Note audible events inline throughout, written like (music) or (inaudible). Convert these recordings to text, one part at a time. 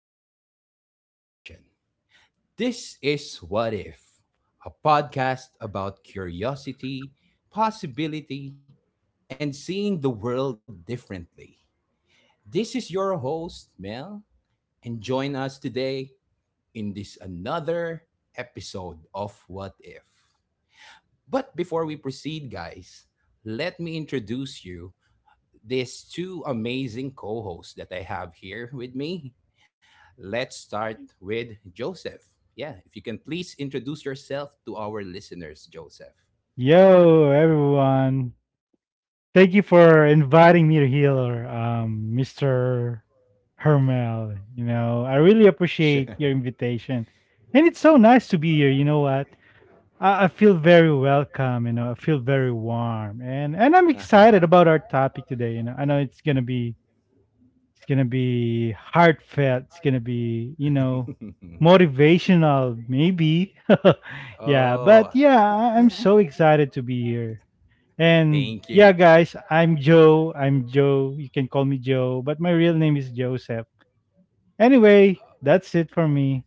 starts with a question. This is What If, a podcast about curiosity, possibility, and seeing the world differently. This is your host, Mel, and join us today in this another episode of What If. But before we proceed, guys, let me introduce you these two amazing co-hosts that I have here with me. Let's start with Joseph. Yeah, if you can please introduce yourself to our listeners, Joseph. Yo, everyone. Thank you for inviting me to Healer, Mr. Hermel. You know, I really Sure. appreciate your invitation. And it's so nice to be here. You know what? I feel very welcome, you know, I feel very warm. And I'm excited (laughs) about our topic today. You know, I know it's gonna be heartfelt, it's gonna be, you know, motivational, maybe. (laughs) Oh, I'm Mhm. so excited to be here. And thank you. yeah, guys, I'm Joe. I'm Joe. You can call me Joe, but my real name is Joseph. Anyway, that's it for me.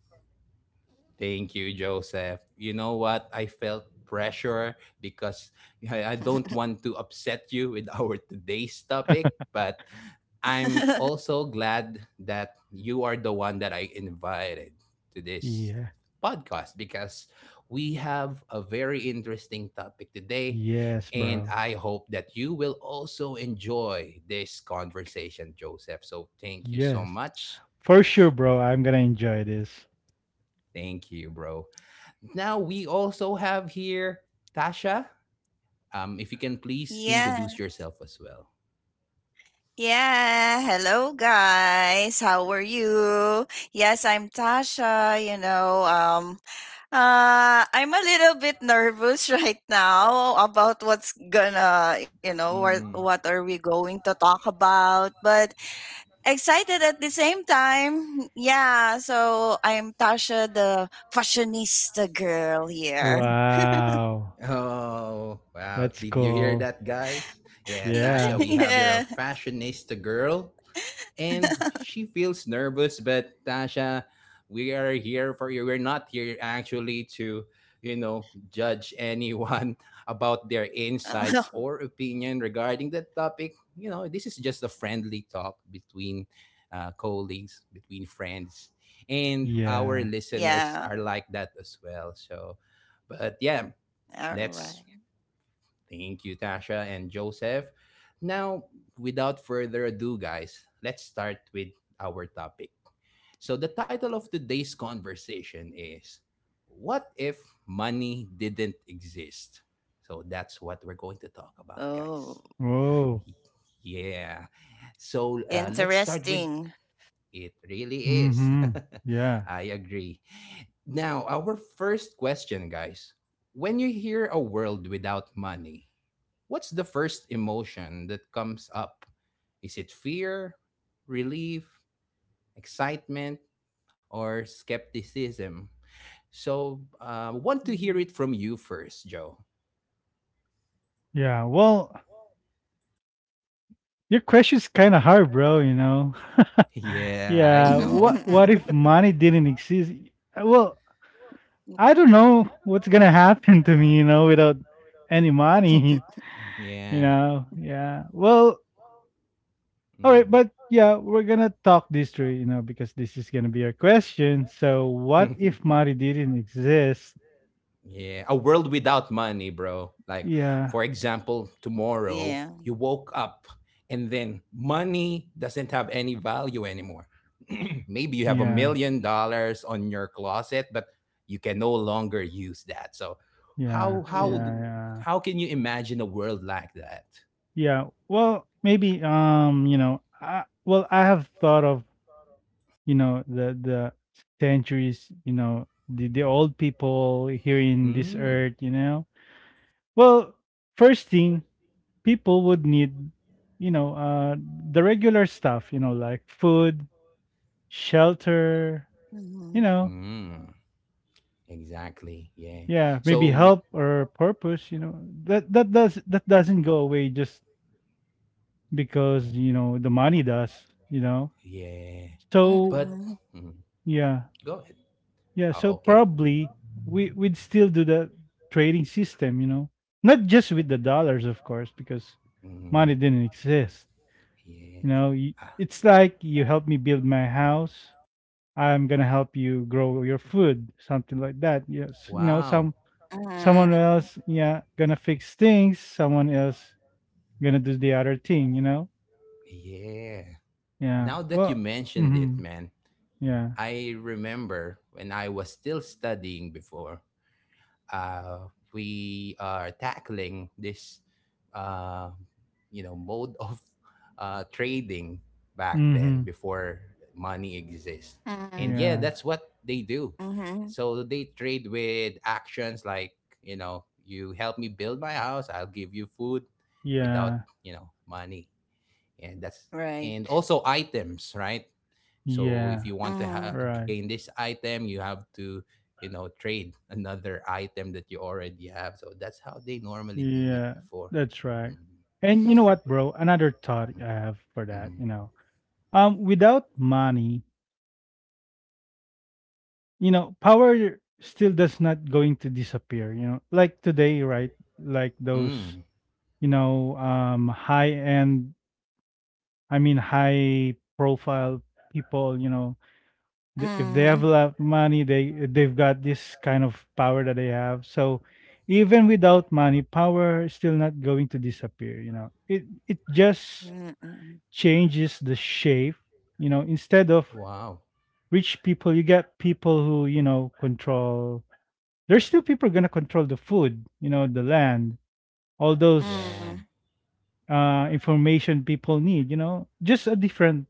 Thank you, Joseph. You know what? I felt pressure because I don't want to upset you with (laughs) our today's topic, but I'm (laughs) also glad that you are the one that I invited to this Yeah. podcast because we have a very interesting topic today. Yes, And bro. I hope that you will also enjoy this conversation, Joseph. So thank you so Yes. much. For sure, bro. I'm going to enjoy this. Thank you, bro. Now we also have here Tasha. If you can please introduce Yeah. yourself as well. Yeah. Hello, guys. How are you? Yes, I'm Tasha. I'm a Oh. little bit nervous (laughs) right now about what's gonna, you know, Mm. what are we going to talk about, but excited at the same time. Yeah. So I'm Tasha, the fashionista girl here. Wow. Oh, wow. That's Did you hear cool. that, guys? Yeah, (laughs) Tasha, Yeah. we have here a Yeah. fashionista girl, and she feels nervous, but Tasha, we are here for you. We're not here actually to, judge anyone (laughs) about their insights or (laughs) opinion regarding that topic. This is just a friendly talk between colleagues, between friends, and our Yeah. Yeah. listeners are like that as well. So, but yeah, All right. let's thank you, Tasha and Joseph. Now, without further ado, guys, let's start with our topic. So, the title of today's conversation is: what if money didn't exist? So, that's what we're going to talk about, guys. Oh, Oh. Yeah. So, let's start with interesting. it really is. Mm-hmm. (laughs) Yeah. I agree. Now, our first question, guys. When you hear a world without money, what's the first emotion that comes up? Is it fear, relief, excitement, or skepticism? So, want to hear Mhm. it from you first, Joe. (laughs) Yeah. Well, your question's kind of hard, bro, you know. (laughs) Yeah, I Yeah. know. What if money didn't exist? (laughs) Well, I don't (laughs) know what's gonna (laughs) happen to me, you know, without any money, (laughs) you Yeah. know. Yeah. Well, all right, but yeah, we're gonna talk this through, you know, because this is gonna be our question. So, what Mhm. if (laughs) money didn't exist? Yeah, a world without money, bro. Like, Yeah, for example, tomorrow Yeah. you woke up and then money doesn't have any value anymore. (clears throat) Maybe you have a yeah, million dollars on your closet, but you can no longer use that. So, yeah, how yeah, how d- Ooh. yeah, how can you imagine a world like that? yeah. Well, maybe, you know, I have thought of, you know, the centuries, you know, the old people here in this Mm, earth, you know. Well, first thing people would need, you know, the regular stuff, you know, like food, shelter, Mhm. you know, mm, exactly. Yeah. yeah, maybe So, help or purpose, you know. That doesn't go away just because, yeah, you know, the money does, you know. yeah. So But Mhm. mm, yeah, go ahead. yeah. So Oh, okay. probably we'd still do the trading system, you know. Not just with the dollars, of course, because Mm-hmm. money didn't exist. You Yeah. know, Ah, it's like you helped me build my house, I'm gonna help you grow your food, something like that. Yes, you know, wow. Someone Mhm. else, yeah, gonna fix things. Someone else gonna do the other thing. You know, Yeah. yeah. Now that Well, you mentioned mm-hmm, it, man, yeah, I remember when I was still studying before, we are tackling this uh, mode (laughs) of trading back then mm-hmm, before money exists. Mhm. And yeah, yeah, that's what they do. Mhm. So they trade with actions, like, you help me build my house, I'll give you food without, yeah, money. And that's Right. and also items, right? So if yeah. you want to Mhm. Right, gain this item, you have to, trade another item that you already have. So that's how they normally do it yeah, before. that's right. Mm-hmm. And you know what, bro? Another thought I have for that, Mm-hmm. you know, without money, you know, power still does not going to disappear. You know, like today, right? Like those Mm-hmm. Mm. you know, high end, I mean, high profile people, you know, if they have a Mhm. lot of money, they've got this kind of power that they have. So even without money, power is still not going to disappear. You know, it just Mhm. changes the shape. You know, instead of Wow. rich people, you get people who, you know, control. There's still people gonna control the food, you know, the land, all those Yeah. Mhm. Information people need, you know, just a different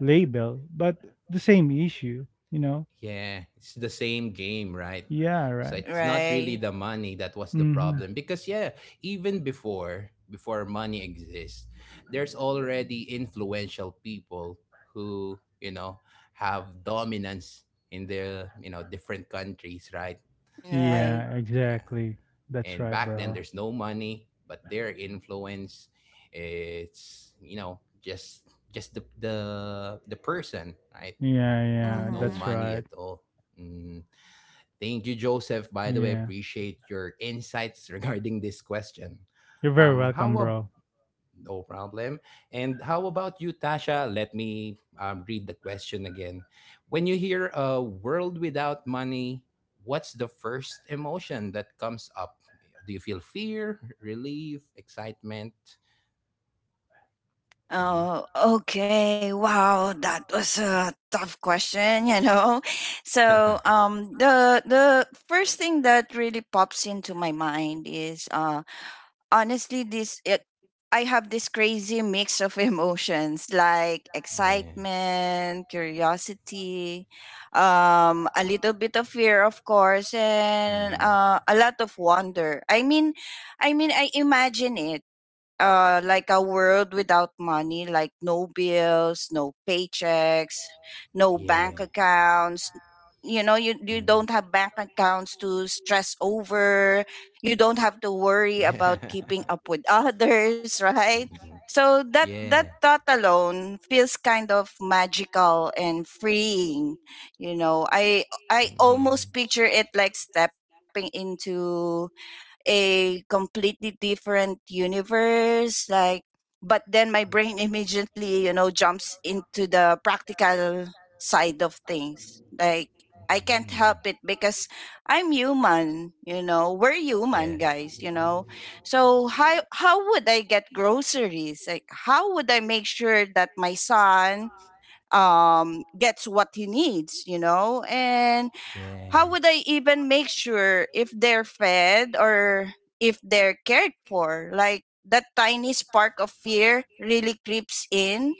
label, but the same issue, you know. Yeah, it's the same game, right? Yeah, So right. it's not really the Right. money that was the Mm-hmm. problem, because yeah, even before money exists, there's already influential people who, have dominance in the, different countries, right? Like, Yeah, Right. yeah. exactly. That's And right, back then bro. there's no money, but their influence, it's just the person, right? Yeah, yeah, No that's money right. Mhm. at all. Mm. Thank you, Joseph. By the way, Yeah, appreciate your insights (laughs) regarding this question. you're very Um, how welcome, ab- bro. no problem. And how about you, Tasha? Let me, read the question again. When you hear a world without money, what's the first emotion that comes up? Do you feel fear, relief, excitement? Mhm. Oh, okay. Wow, that was a tough question, (laughs) So, (laughs) the first thing that really pops into my mind is honestly, I have this crazy mix of (laughs) emotions like Yeah. excitement, curiosity, a little bit of fear, of course, and Mhm. A lot of wonder. I mean, I imagine it like a world without money, like no bills, no paychecks, no bank Yeah. accounts. You Mm. don't have bank accounts to stress over, you don't have to worry about keeping (laughs) up with others, (laughs) right? (laughs) So So. that that Yeah. thought alone feels kind of magical and freeing. I Always do, almost picture it like stepping into a completely different universe. Like, but then my brain (laughs) immediately, you know, jumps into the practical practice. side of things. Like, I can't Mm. help it because I'm human. You know, we're human, guys. You know, so how would I get groceries? Like, how would I make sure that my son gets what he needs, you know, and how would I even make sure if they're fed or if they're cared for? Like, that tiny spark of fear really creeps in,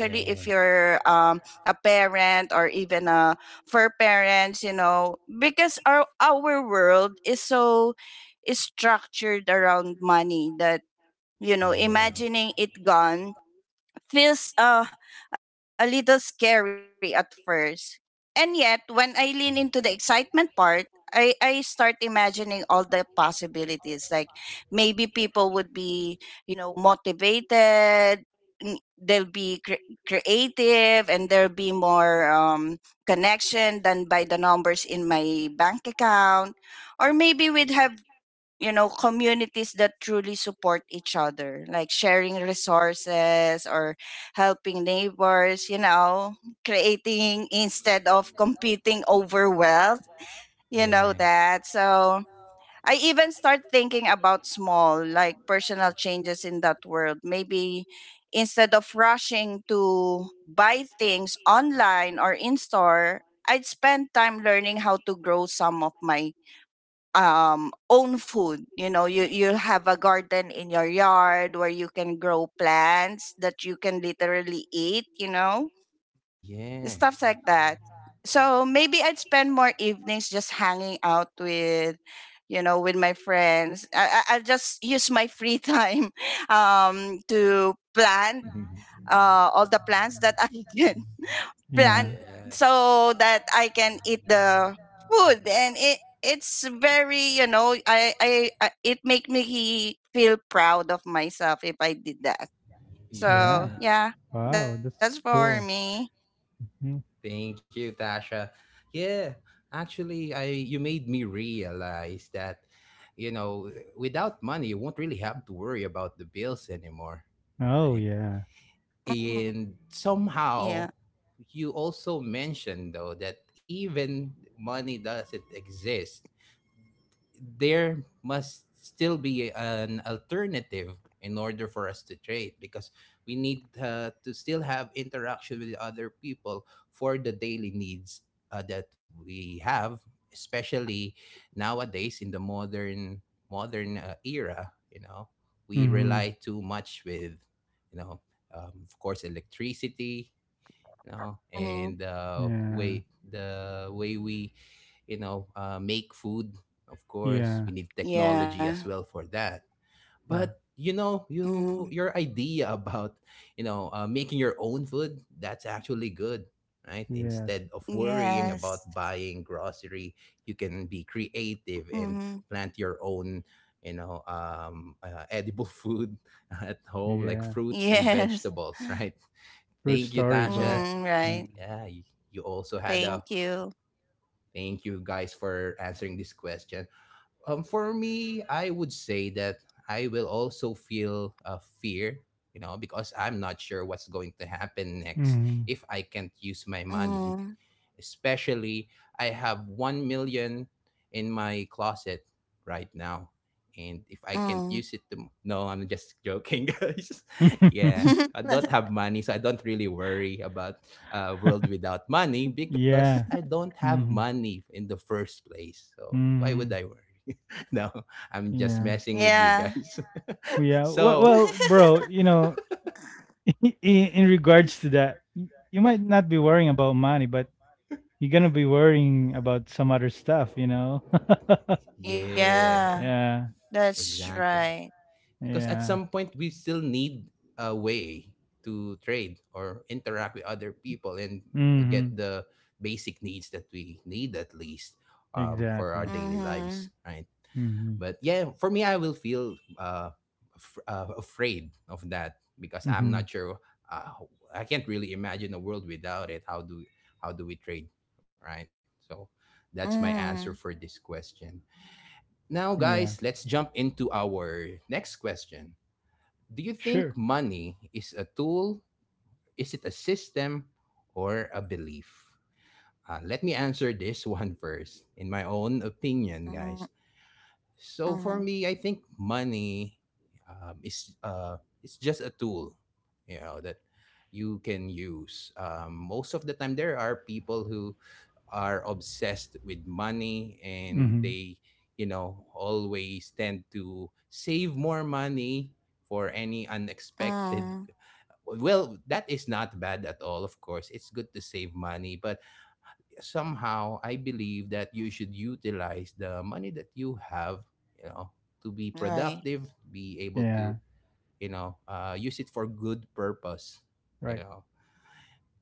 Yeah. In and if yet, you're a parent, or even a for parents, you know, because our world is so is structured around money that, you know, imagining it gone feels a little scary at first. And yet, when I lean into the excitement part, I put. start imagining all the possibilities. Like, maybe people would be, you know, motivated, they'll be creative, and there'll be more connection than by the numbers in my bank account. Or maybe we'd have, you know, communities that truly support each other, like sharing resources or helping neighbors, you know, creating instead of competing over wealth. You know Yeah. that. So I even start thinking about small, like personal changes in that world. Maybe instead of rushing to buy things online or in store, I'd spend time learning how to grow some of my own food. You know, you have a garden in your yard where you can grow plants that you can literally eat, you know, Yeah. stuff like that. So maybe I'd spend more evenings just hanging out with, you know, with my friends. I'll just use my free time (laughs) to plant (laughs) all the plants that I (laughs) can Yeah, plant so that I can eat the food. And it's very, you know, I it make me feel proud of myself if I did that. yeah. So Yeah. yeah, that's Wow, that's for me. cool. Mm. Thank you, Tasha. Yeah, actually, I you made me realize that, you know, without money, you won't really have to worry about the bills anymore, Oh, right? yeah. Mhm. And Yeah. somehow, you also mentioned, though, that even money doesn't exist, there must still be an alternative in order for us to trade, because we need, to still have interaction with other people for the daily needs that we have, especially nowadays in the modern era. We Mm-hmm. rely too much with, you know of course, electricity, no, Hmm. and Yeah, way the way we, make food. Of course, yeah, we need technology Yeah. as well for that. yeah. But, Hmm. your idea (laughs) about, making your own food, that's actually good, right? Yes, Instead of worrying Yes. about buying grocery, you can be creative Hmm. and (laughs) plant your own, edible food (laughs) at home, like yeah. fruits and Yes. vegetables, right? True Thank you, story, bro. Mm, Tasha. right. Yeah. Yeah, you also had Thank a you. thank you, guys, for answering this question. For me, I would say that I will also feel, fear, because I'm not sure what's going to happen next if I can't use my money, Mm, especially I have 1 million in my closet right now. And if I can't mm. use it, no, I'm just joking, (laughs) guys. Yeah, Mm-hmm. I don't have (laughs) money, so I don't really worry about world without money (laughs) because yeah. I don't have Mhm. money in the first place. So why would I Mhm. worry? (laughs) No, I'm just Yeah. messing with you Yeah. guys. Well, (laughs) yeah. So, Bro, (laughs) you know, (laughs) in regards to that, you might not be worrying about money, but you're gonna be worrying about some other stuff, you know? (laughs) yeah, Yeah. yeah. That's exactly. right. Because at Yeah. some point we still need a way to trade or interact with other people and get Mhm. the basic needs that we need, at least, for our Exactly. daily lives, Mhm. right? Mhm. But yeah, for me, I will feel afraid of that because I'm Mhm. not sure. Uh, i can't really imagine a world without it. How do we trade, right? So that's my answer for this Mhm. question. Now, guys, Yeah. let's jump into our next question. Do you think Sure. money is a tool? Is it a system or a belief? Let me answer this (laughs) one first. In my own opinion, guys, Mhm. so for Mhm. me, I think money, is it's just a tool, that you can use. Most of the time, there are people who are obsessed with money, and Mhm. they always tend to save more money for any unexpected. Mhm. Well, that is not bad at all. Of course, it's good to save money, but somehow I believe that you should utilize the money that you have, you know, to be productive, Right. be able Yeah. to, use it for good purpose, you Right. know.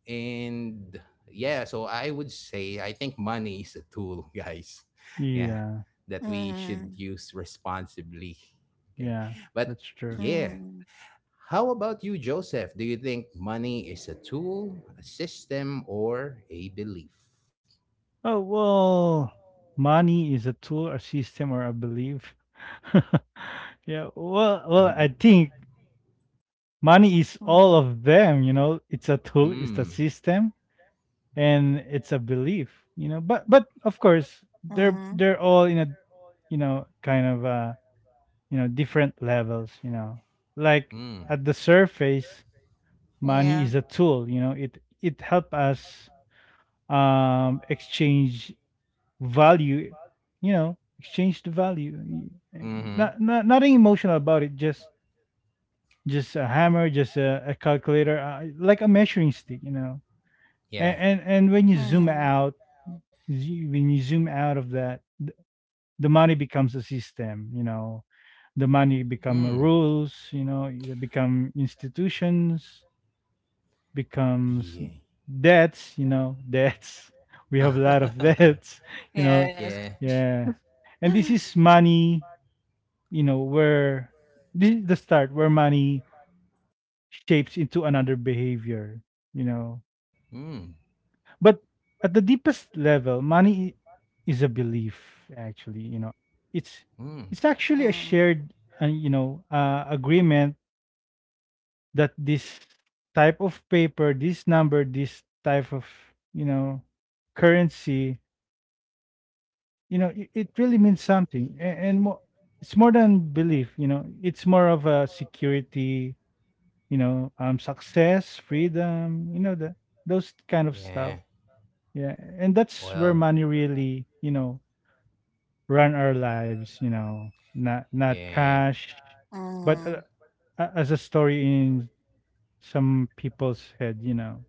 And yeah, so I would say I think money is a tool, (laughs) guys. Yeah, Yeah. that we should Mhm. use responsibly. Okay. Yeah. But That's true. yeah, Mhm. how about you, Joseph? Do you think money is a tool, a system, or a belief? Oh, well, money is a tool, a system, or a belief. (laughs) I (laughs) think Mhm. money is all of them. You know, it's a tool, it's a Hmm. system, and it's a belief. You know, but of Mhm. course, they're all in a, you know, kind of you know different levels. You know, like Mm. Like, at the surface, Yeah. money is a tool. You know, it help us exchange value, you know, exchange the value. Mm-hmm. Not, not nothing emotional about it. Just a hammer, a calculator, like a measuring stick, you know. Yeah. And when you zoom Mhm. out, when you zoom out of that, the money becomes a system, you know. The money become Mm. rules, you know. They become institutions, becomes Yeah. Debts. (laughs) We have a lot of (laughs) debts, (laughs) you know. Yes. Yeah. (gasps) Yeah. And this is (sighs) money, you know, where this is the start where money shapes into another behavior, you know. Mm. But at the deepest level, money is a belief actually, you know. It's Mm. it's actually a Mhm. shared agreement that this type of paper, this number, this type of, you know, currency, you know, it really means something, and, it's more than belief. You know, it's more of a security. You know, success, freedom. You know, the those kind of stuff. Yeah. Yeah, and that's where Well, money really, you know, run our lives. You know, not not yeah. cash, Mhm. but as a story in some people's head. You know,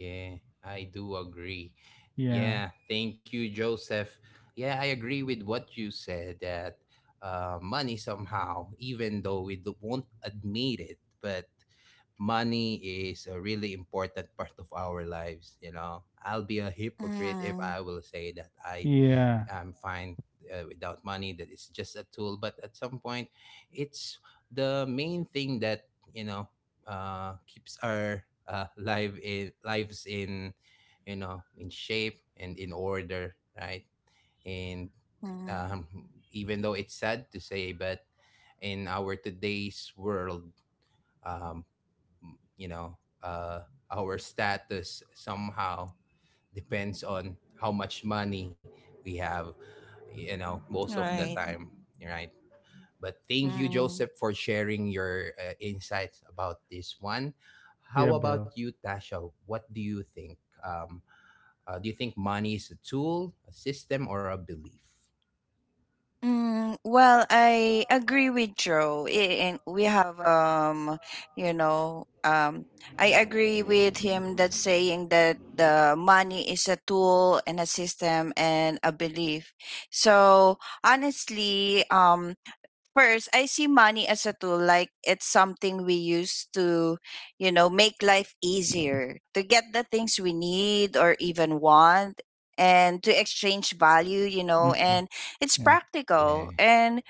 Yeah. I do agree. yeah. Yeah. Thank you, Joseph. Yeah, I agree with what you said, that money somehow, even though we won't admit it, but money is a really important part of our lives. I'll be a hypocrite if Mhm. I will say that i Yeah. I'm fine without money. That it's just a tool. But at some point, it's the main thing that you know keeps our life in lives in shape and in order, right? And um, Mhm. even though it's sad to say, but in our today's world, um, m- you know uh our status somehow depends on how much money we have most of the Right. time, right? But thank you, Joseph, Mhm. for sharing your insights about this one. Yeah, How bro. about you, Tasha? What do you think um uh, do you think money is a tool, a system, or a belief? Mm, well, I agree with Joe. And we have, you know, um, I agree with him that saying that the money is a tool and a system and a belief. So honestly, first, I see money as a tool, like it's something we use to, you know, make life easier, to get the things we need or even want, and to exchange Mhm. value, you know, Yeah. and it's Yeah. practical. And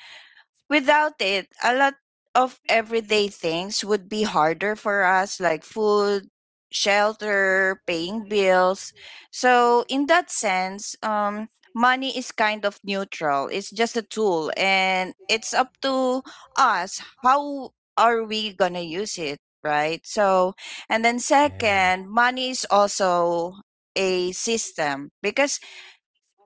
without it, a lot of everyday things would be harder for us, like food, shelter, paying bills. So, in that sense, money is kind of neutral. It's just a tool, and it's up to us how are we gonna use it, right? So, and then Yeah. second, money is also a system because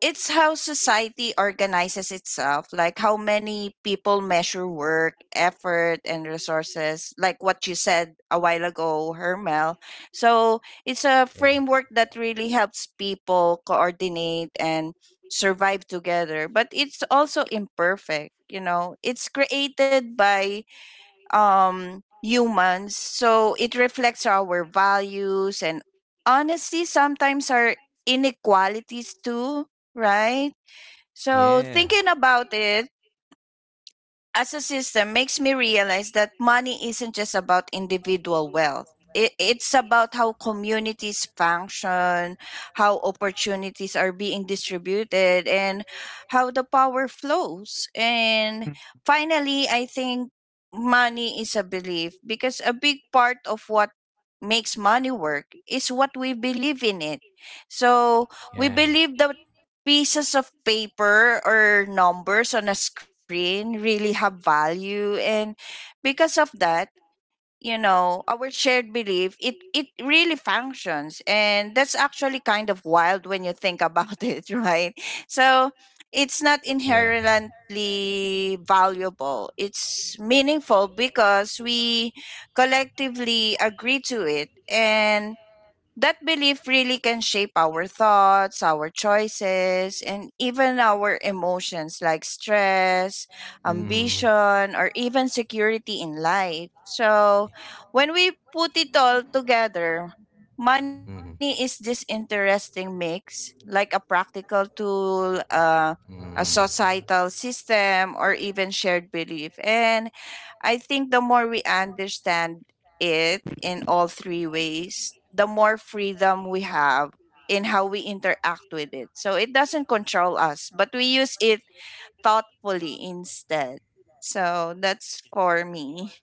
it's how society organizes itself, like how many people measure work, effort, and resources, like what you said a while ago, Hermel. So it's a Yeah. framework that really helps people coordinate and survive together, but it's also imperfect. You know, it's created by humans. So it reflects our values and, honestly, sometimes our inequalities too, right? So Yeah. thinking about it as a system makes me realize that money isn't just about individual wealth. It's about how communities function, how opportunities are being distributed, and how the power flows. And Mm. finally, I think money is a belief because a big part of what makes money work is what we believe in it. So we Yeah. believe that pieces of paper or numbers on a screen really have value, and because of that, you know, our shared belief, it really functions. And that's actually kind of wild when you think about (laughs) it, right? So it's not (laughs) Yeah. inherently valuable, it's meaningful because we collectively agree to it. And that belief really can shape our thoughts, our choices, and even our emotions like stress, Hmm. ambition, or even security in life. So, when we put it all together, money is Hmm. this interesting mix, like a practical tool, a Mm. societal system, or even shared belief. And I think the more we understand it in all three ways, the more freedom we have in how we interact with it. So it doesn't control us, but we use it thoughtfully instead. So that's for me.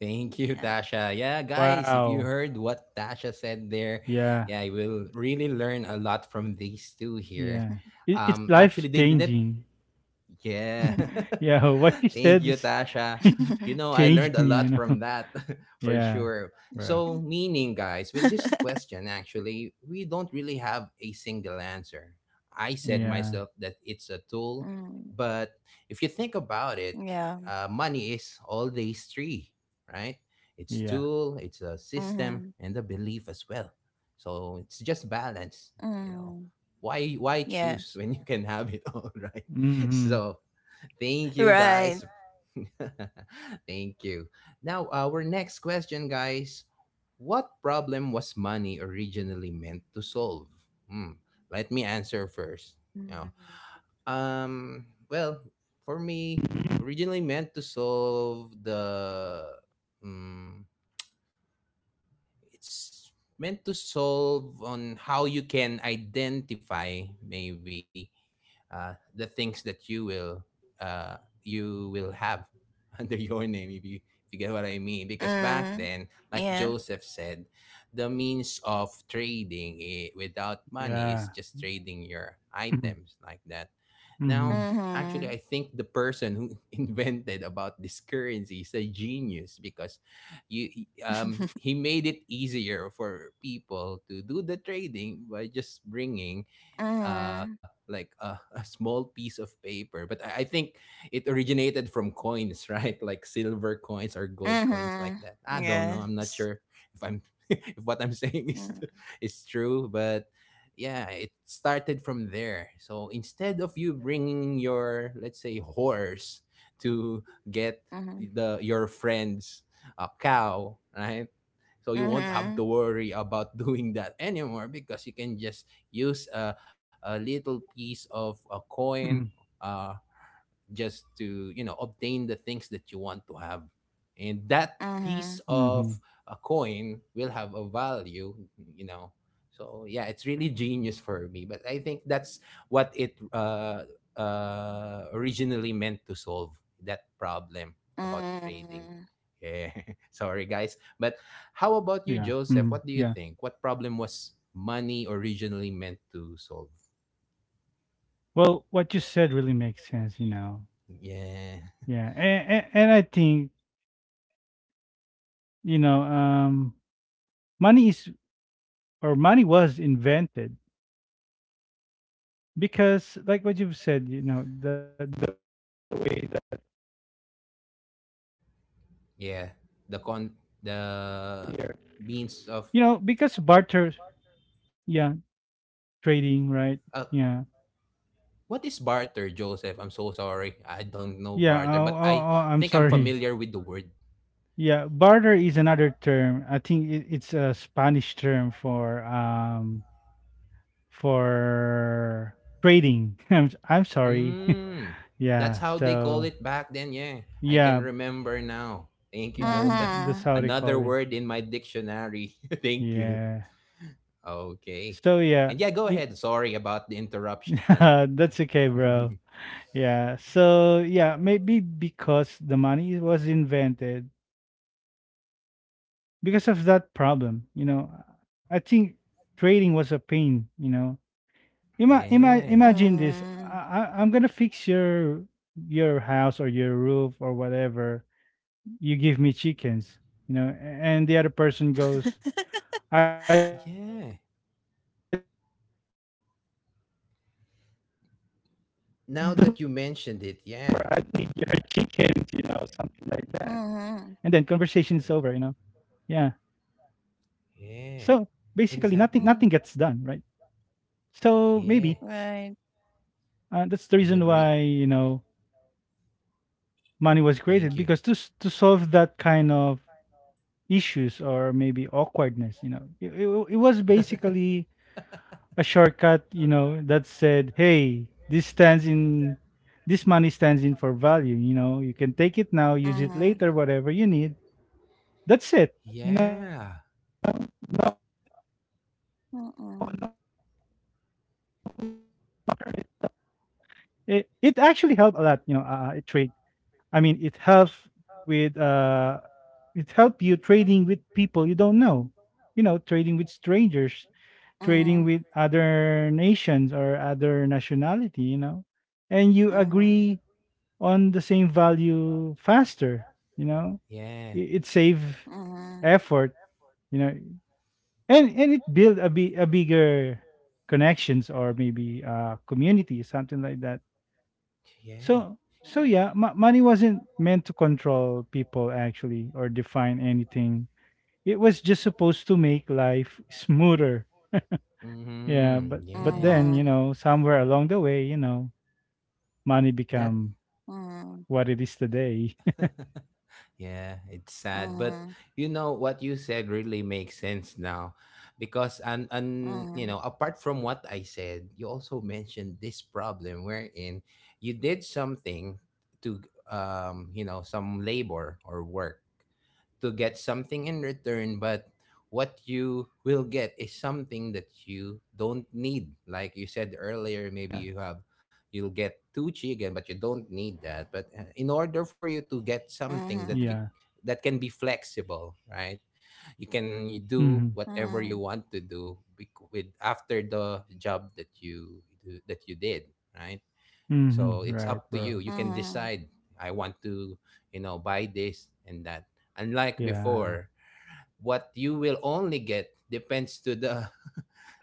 Thank you, Yeah. Tasha. Yeah, guys, if you Wow. heard what Tasha said there, Yeah. yeah, you will really learn a lot from these two (laughs) here. Yeah. It, it's Um, life actually, they did. changing. Yeah. (laughs) Yeah. (laughs) What you Thank said you, is Tasha. (laughs) I learned changed a me, you lot know. from (laughs) that, (laughs) for Yeah. sure. Bro. So, meaning, guys, with this question, actually, we don't really have a single answer. I said Yeah. myself that it's a tool, Mm, but if you think about it, yeah. Money is all these three, right? It's Yeah. tool, it's a system, Mm-hmm. and a belief as well. So it's just balance, you know. Mm, Why choose yes. when you can have it all, (laughs) right? (laughs) Mm-hmm. So, thank you, Right. guys. (laughs) Thank you. Now, our next question, guys. What problem was money originally meant to solve? Hmm. Let me answer first. you know Mm, well, for me, originally meant to solve the um, it's meant to solve on how you can identify, maybe, the things that you will, uh, you will have (laughs) under your name, if you get what I mean. Because back mm, then, like yeah. Joseph said, the means of trading without money is Yeah. just trading your (clears throat) items like that. Mm-hmm. Now, actually, I Mm-hmm. think the person who (laughs) invented about this currency is a genius because you he made it easier for people to do the trading by just bringing (laughs) Mm-hmm. like (laughs) a small piece of paper. But I think it originated from coins, right? (laughs) Like silver coins or gold coins like Mm-hmm. that. I don't know, I'm not Yes. sure if I'm (laughs) if what I'm (laughs) saying is Mm. True. But yeah, it started from there. So instead of you bringing your, let's say, horse to get Mhm. the your friend's cow, right? So you won't have to Mhm. worry about (laughs) doing that anymore, because you can just use a little Mm-hmm. piece of a coin, uh, just to, you know, obtain the things that you want to have. And that piece Mm-hmm. Mhm. Mm-hmm. of a coin will have a value, you know. So yeah, it's really genius for me. But I think that's what it originally meant to solve, that problem about trading. Mhm. Yeah. (laughs) Sorry guys. But Yeah. how about you, Mm-hmm. Joseph? Yeah. What do you think? What problem was money originally meant to solve? Well, what you said really makes sense, you know. Yeah. Yeah. And I think, you know, money is, or money was, invented because like what you've said, you know, that Yeah, the con the you know because means of barter, yeah, trading, right, uh, yeah, what is barter, Joseph? I'm so sorry, I don't know yeah, barter, but oh, oh, I oh, I'm think I'm sorry, familiar with the word. yeah, barter is another term, I think, it, it's a Spanish term for for trading, (laughs) I'm sorry, Mm, (laughs) that's yeah, how they call so it back then. Yeah, I can yeah, remember now. Thank you, yeah, Joseph. that's Mhm. how they call Another it, word in my dictionary. (laughs) Thank you. yeah, Okay, so yeah, and yeah, go it, ahead. Sorry about the interruption. (laughs) Yeah, that's (laughs) okay, bro. Yeah. So yeah, maybe because the money was invented because of that problem. You know, I think trading was a pain. You know, yeah, imagine this. Mhm. I'm gonna fix your house or your roof or whatever. You give me chickens. You know, and the other person goes, I don't. yeah. Now that you mentioned it, yeah, And then conversation is over. You know. Yeah. Mhm. So basically, nothing nothing yeah. gets done, right? Exactly. Mhm. So maybe Yeah, Right. That's the I reason why, agree. you know, money was Thank created you. because to to solve that kind of issues or maybe awkwardness. You know, it was (laughs) basically a shortcut. You know, that said, hey, this money stands in for value. You know, you can take it now, use it later, Mhm. whatever you need. That's it. You know, yeah, Mhm. it actually helped a lot. You know, it trade. I mean, it helped with it help you trading with people you don't know, you know, trading with strangers, Mhm. trading with other nations or other nationality, you know. And Mhm. you agree on the same value faster, you know. yeah, It save Mhm. effort, you know. And it build a bigger connections or maybe a community, something like that. yeah. So Yeah. so yeah, money wasn't meant to control people actually or define anything, it was just supposed to make life smoother. Yeah, Mm-hmm, but yeah. Mhm. then, you know, somewhere along the way, you know, money That, become Mhm. what it is today. yeah, it's sad. But you know what you said really makes sense now. Because, you Mhm. know, apart from what I said, you also mentioned this problem wherein you did something to, you know, some labor or work, to get something in return. But what you will get is something that you don't (laughs) yeah. need. Like you said earlier, maybe you'll get two chicken, but you don't need that. But in order for you to get Yeah. something Mhm. that you that can be flexible, right? You can Mhm. do Mhm. whatever you want to do with after the job that you do, that you did, right? So Mhm. it's Right, up to you. bro. You can Mhm. decide. I want to, you know, buy this and that. Unlike Yeah. before, what you will only get depends to the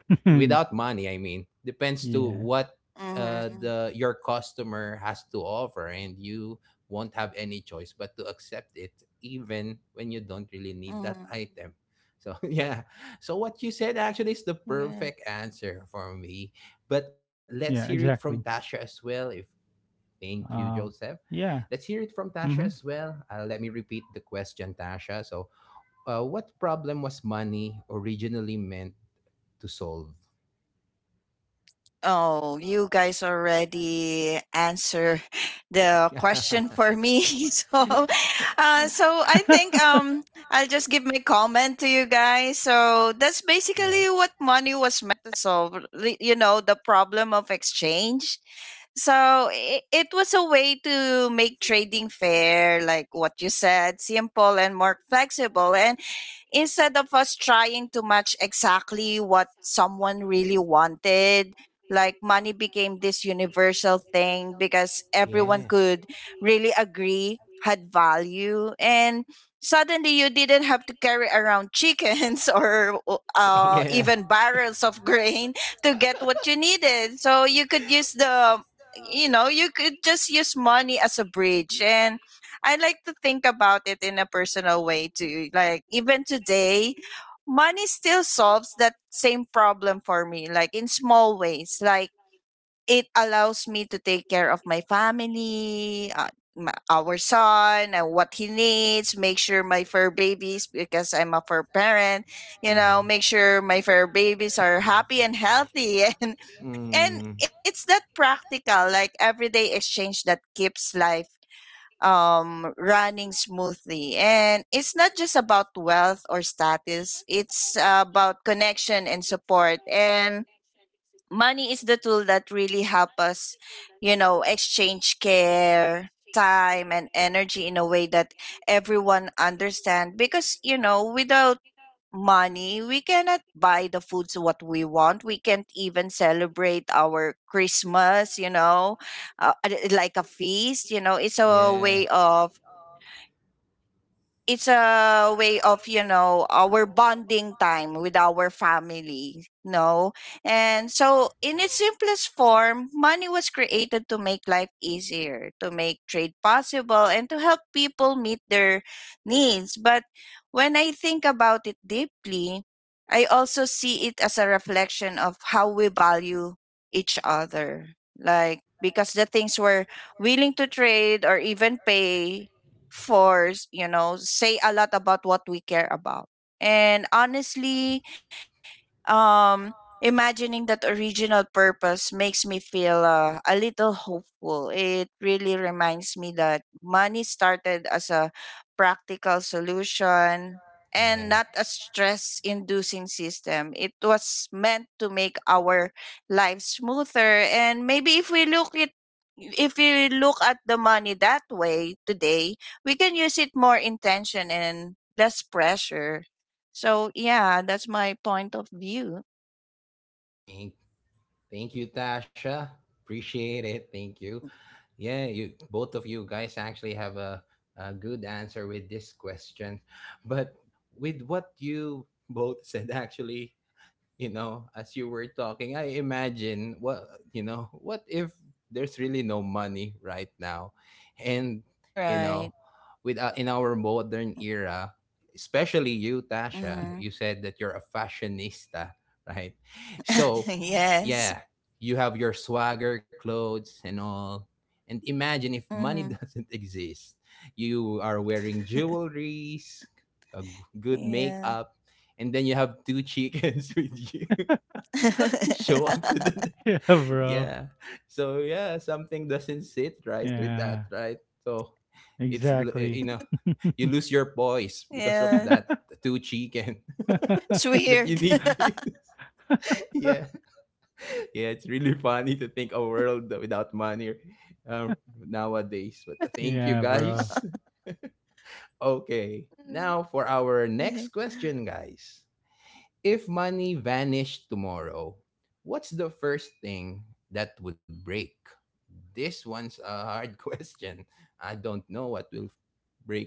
(laughs) without money. I mean, depends to yeah. what Mhm. Mhm. The your customer has to offer, and you won't have any choice but to accept it, even when you don't really need Mhm. that item. So (laughs) yeah. So what you said actually is the Yeah. perfect answer for me. Yeah, But let's exactly. hear it from Tasha as well, if. Thank you, Um Joseph. yeah. Let's hear it from Tasha Mhm. as well. Let me repeat the question, Tasha. So, what problem was money originally meant to solve? Oh, you guys already answer (laughs) (laughs) the yeah. question for me. (laughs) So, so I think, (laughs) I'll just give my comment to you guys. So that's Yeah. basically what money was meant to solve. You know, the problem of exchange. So it was a way to make trading fair, like what you said, simple and more flexible. And instead of us trying to match exactly what someone really wanted, like, money became this universal thing because everyone could really agree had value. And suddenly you didn't have to carry around chickens (laughs) or (laughs) yeah. even barrels of grain to get what you needed. So you could use the, you (laughs) know, you could just use money as a bridge. And I like to think about it in a personal way too. Like, even today, money still solves that same problem for me, like in small ways. Like, it allows me to take care of my family, my, our son, and what he needs, make sure my fur babies, because I'm a fur parent, you know, Yeah. make sure my fur babies are happy and healthy. (laughs) And Mm. it's that practical, like everyday exchange that keeps life running smoothly. And it's not just about wealth or status, it's about connection and support. And money is the tool that really help us, you know, exchange care, time, and energy in a way that everyone understand. Because, you know, without money, we cannot buy the foods what we want, we can't even celebrate our Christmas, you know, like a feast. You know, it's a Yeah. way of it's a way of, you know, our bonding time with our family. No. And so in its simplest form, money was created to make life easier, to make trade possible, and to help people meet their needs. But when I think about it deeply, I also see it as a reflection of how we value each other, like, because the things we're willing to trade or even pay for, you know, say a lot about what we care about. And honestly, um, imagining that original purpose makes me feel a little hopeful. It really reminds me that money started as a practical solution and not Yeah. a stress inducing system. It was meant to make our lives smoother. And maybe if we look it if we look at the money that way today, we can use it more intention and less pressure. So yeah, that's my point of view. Thank Thank you, Tasha. Appreciate it. Thank you. Yeah, you both of you guys actually have a good answer with this question. But with what you both said actually, you know, as you were talking, I imagine what, you know, what if there's really no money right now? And you Right. know, with in our modern era, especially you, Mm-hmm. Tasha, you said that you're a fashionista, right? (laughs) So, Yes. yeah, you have your swagger clothes and all. And imagine if money Mm-hmm. (laughs) doesn't exist. You are wearing jewelries, a g- good Yeah. makeup, and then you have two chickens (laughs) with you (laughs) show up to the (laughs) (laughs) yeah, bro. yeah, so yeah, something doesn't sit right with that, Yeah. right? So you Exactly. know, (laughs) you lose your Yeah. poise because of that two It's chicken weird. (laughs) (laughs) Mm-hmm. that you need to (laughs) yeah, yeah, it's really funny to think a world without money uh, nowadays. But thank you yeah, bro. guys. (laughs) Okay, now for our next question, guys. If money vanished tomorrow, what's the first thing that would break? This one's a hard (laughs) question. I don't know what will break.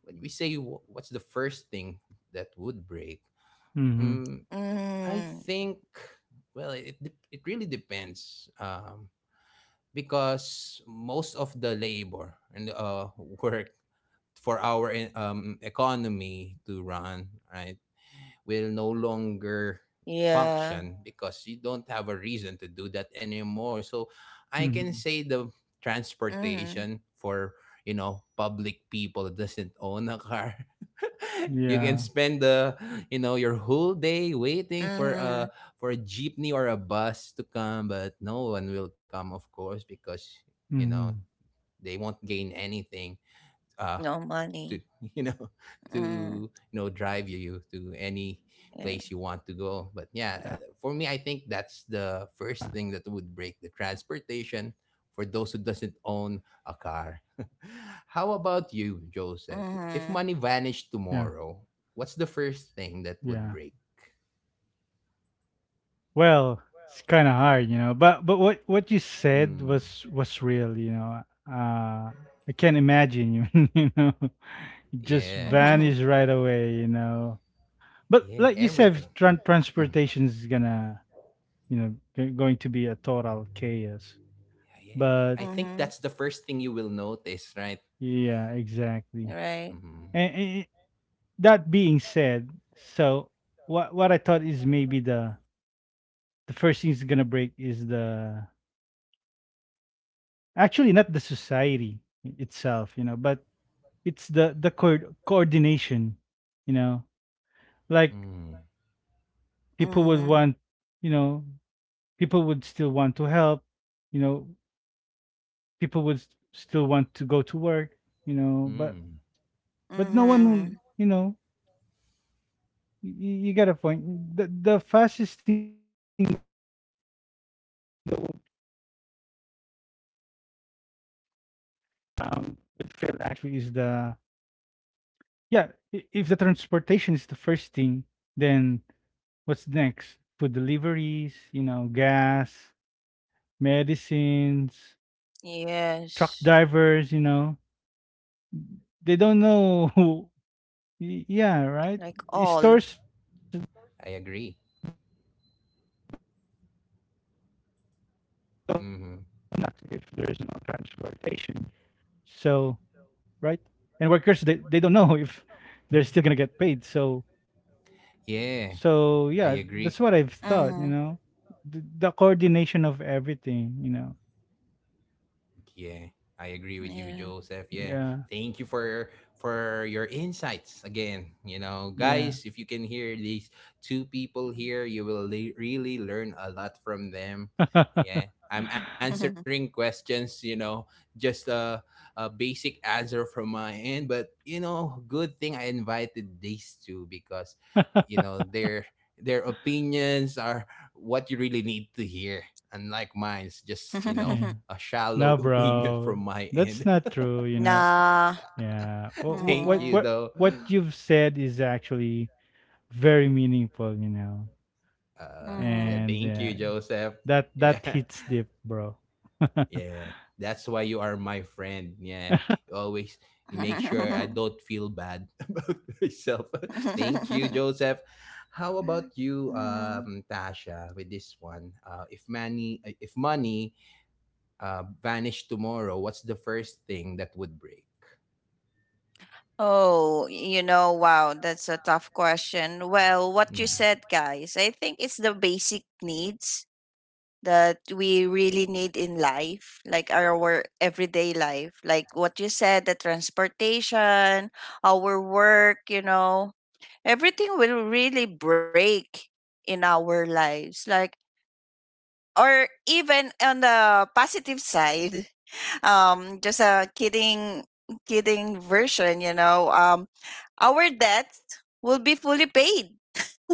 When we say what's the first thing Mm-hmm. that would break, Mhm. um, I think, well, it really depends, because most of the labor and work for our economy to run, right? Yeah. Will no longer function, because you don't have a reason to do that anymore. So I Mm-hmm. can Mhm. say the transportation for, you know, public people that doesn't own a car. (laughs) You can Yeah. spend the, you know, your Mm-hmm. whole day waiting for a jeepney or a bus to come, but no one will come, of course, because, you know, Mhm. they won't gain No anything money. uh, to, Mm-hmm. (laughs) you know, to, you know, drive you Yeah. to any place you want to go. But yeah, for me, I think that's the first thing that would break, the transportation for those who doesn't own a car. (laughs) How about you, Mm-hmm. Joseph? If money vanished Yeah, tomorrow, what's the first thing that yeah. would break? Well, it's kind of hard, you know. But what you said Mm, was real, you know. Uh, I can't imagine you, (laughs) you know, just yeah, (laughs) vanish right away, you know. But yeah, like you everything. said, Mhm. Transportation is gonna, you know, going to be a total chaos. Yeah, yeah. I But think Mm-hmm. that's the first thing you will notice, right? yeah, exactly. Right. Mm-hmm. And that being said, so what I thought is maybe the first thing is gonna break is the actually not the society itself, you know, but it's the co- coordination, you know, like Mm, Mm-hmm. people would want, you know, people would still want to help, you know, people would still want to go Mm-hmm. to work, you know, mm, but no one, you know, you got a point, the fastest thing that yeah, I think it's more on the, you know, when you say coordination, would fail like actually is maybe you the, can do some, you know, (laughs) yeah, charity if the work. You know, transportation you'll is the be first happy to thing, help uh then what's your next? other Food deliveries, you know, gas, colleagues maybe, but Yes. yeah, medicines, truck drivers, you know. They don't Like know (laughs) who, all. Yeah, right? It stores, I agree. Mhm. so, right? And workers, they don't know (laughs) if they're still gonna get paid. So, Yeah, Mm-hmm. so I yeah, agree. that's what I've thought, you know. The coordination of everything, you know. Yeah. Yeah, I agree with you, Joseph. Yeah, Yeah, thank you for your insights again. You know, yeah. guys, if you can hear these two people here, you will really learn a lot from them. Yeah, (laughs) I'm answering questions. You know, just a basic answer from my end, but you know, good thing I invited these two, because, you know, their opinions are what you really need to hear. Unlike mine's, (laughs) just, you know, yeah. a shallow No, (laughs) opinion bro. from my That's end. not true, you Nah. know. Yeah. (laughs) Mm-hmm. Thank you, though. What you've said is actually very meaningful, you know. Mm-hmm. Yeah, And thank you, Joseph. that that Yeah, hits deep, bro. (laughs) (laughs) yeah. That's why you are my friend. Yeah, you always you make sure I don't feel bad (laughs) about myself. (laughs) Thank you, Joseph. How about you, Mm-hmm. (laughs) Tasha, with this one? If money vanished tomorrow, what's the first thing that would break? Oh, you know, Oh, wow, you that's know, a wow, tough that's a tough question. Well, question. what you Mhm. Well, said, what. guys, I think it's the basic needs that we really need in life, like our everyday life, like what you said, the transportation, our work, you know, everything will really break in our lives. Like, or even on the positive side, (laughs) just a kidding version, our debts will be fully paid,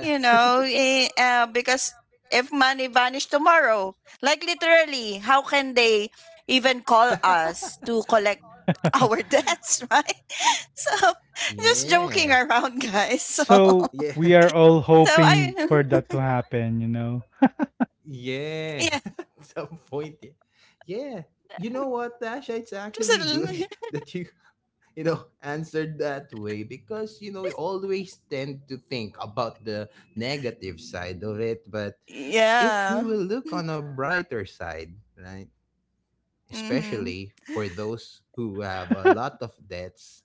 because if money vanished tomorrow, like literally, how can they even (laughs) call us to collect our (laughs) debts, right? (laughs) So, yeah. just joking around, guys. (laughs) So, so Yeah. we are all so hoping for that I, to (laughs) happen, you know. (laughs) yeah. yeah, (laughs) Some point. Yeah. Yeah. You know what, Tasha? It's just a, actually little- good (laughs) that you know, answered that way, because, you know, we always tend to think about the negative side of it. But (laughs) if you yeah, will look on a brighter side, right? mm-hmm. Especially for those who have a lot of debts,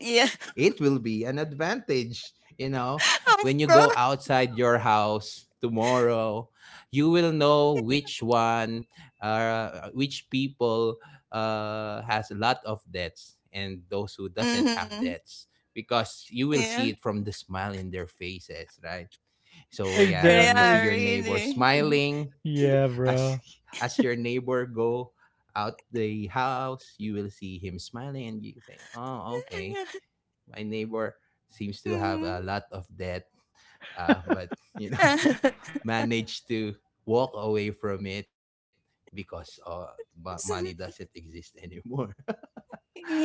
Yeah, it will be an advantage. You know, (laughs) of when you go course, outside your house tomorrow, you will know which one, which people has a lot of debts and those who doesn't have debts, mm-hmm. because you will see it from the Yeah, smile in their faces, right? So yeah, when you see yeah, Exactly. your neighbor really. smiling, Yeah, as bro. (laughs) as your neighbor go out the house, you will see him smiling, and you say, "Oh, okay, (laughs) my neighbor seems to have Yeah, a lot of debt, but (laughs) (laughs) you know, (laughs) mhm. managed to walk away from it because money doesn't (laughs) exist anymore." (laughs)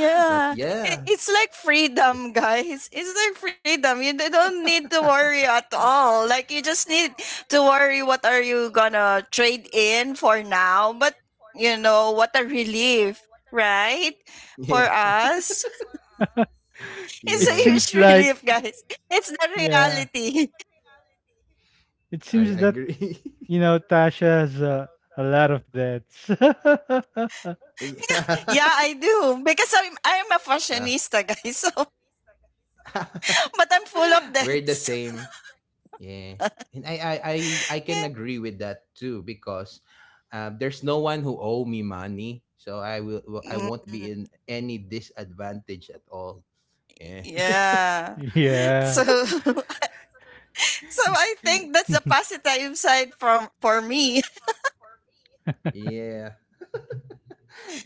But yeah, it's like (laughs) freedom, guys. It's like freedom. Don't need to worry at all. Like, you just need to worry what are you gonna trade in for now. But you know what a relief, right? For yeah, us, (laughs) (laughs) it's It yeah, seems a huge (laughs) like relief, guys. It's the yeah, reality. (laughs) it I seems that, agree. you know, Tasha has a lot of debts. (laughs) (laughs) yeah. Yeah, I do because I'm a (laughs) Well, fashionista, guys. (laughs) So, (laughs) but I'm full of we're the debts. same. Yeah. And I (laughs) can Yeah. agree with that too, because there's no one who owe me money. So I will, well, I Mm, won't be in any disadvantage at all. Yeah. yeah. yeah. So, (laughs) so I think that's the (laughs) positive side from for me. (laughs) (laughs) yeah.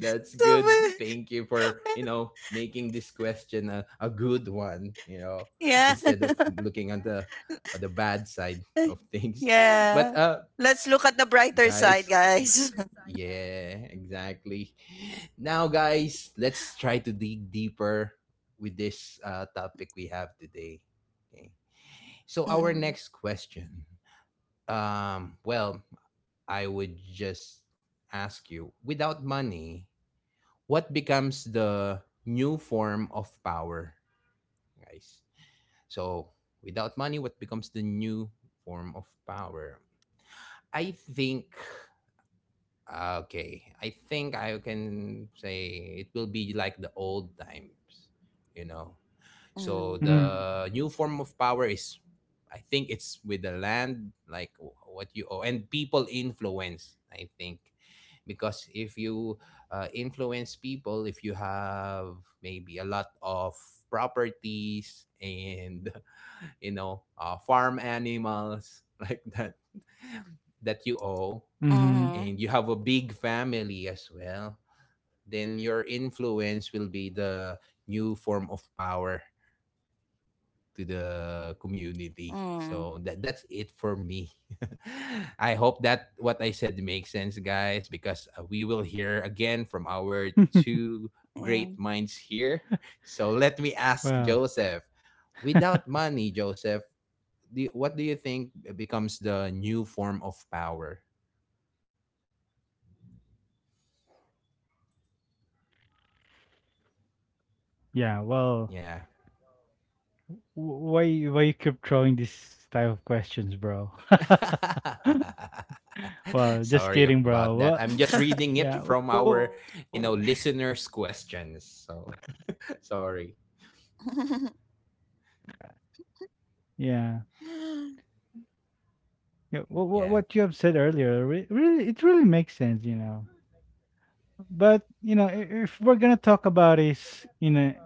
That's So good. but- Thank you for, you but- know, making this question a good one, you know, yeah, instead of (laughs) looking on the bad side of things. (laughs) But yeah. uh, Let's look at the brighter side, guys. (laughs) guys. (laughs) Yeah, exactly. Now, guys, let's try to dig deeper with this topic we have today. Okay. So, our Mm, next question. Um, well, I would just ask you, without money, what becomes the new form of power, guys? So, without money, what becomes the new form of power? I think. Ah, okay, I think I can say it will be like the old times, you know. So mm, the new form of power is, I think it's with the land, like what you owe, and people influence. I think, because if you influence people, if you have maybe a lot of properties and (laughs) you know farm animals (laughs) like that that you owe, mhm, Mm-hmm. and you have a big family as well, then your influence will be the new form of power to the mm, community. So that that's it for me. (laughs) I hope that what I said makes sense, guys, because we will hear again from yeah. our (laughs) two great minds here. So let me ask well, Joseph. Without money, Joseph, what do you think becomes the new form of power? yeah. Well, Yeah. Why you keep throwing this type of questions, bro? (laughs) (laughs) well, just Sorry kidding, about bro. that. What? I'm just reading it Yeah. from Oh, our listeners' questions. So (laughs) sorry. (laughs) yeah. Yeah. What Yeah. you have said earlier, really, it really makes sense, you know. But you know, if we're gonna talk about this in a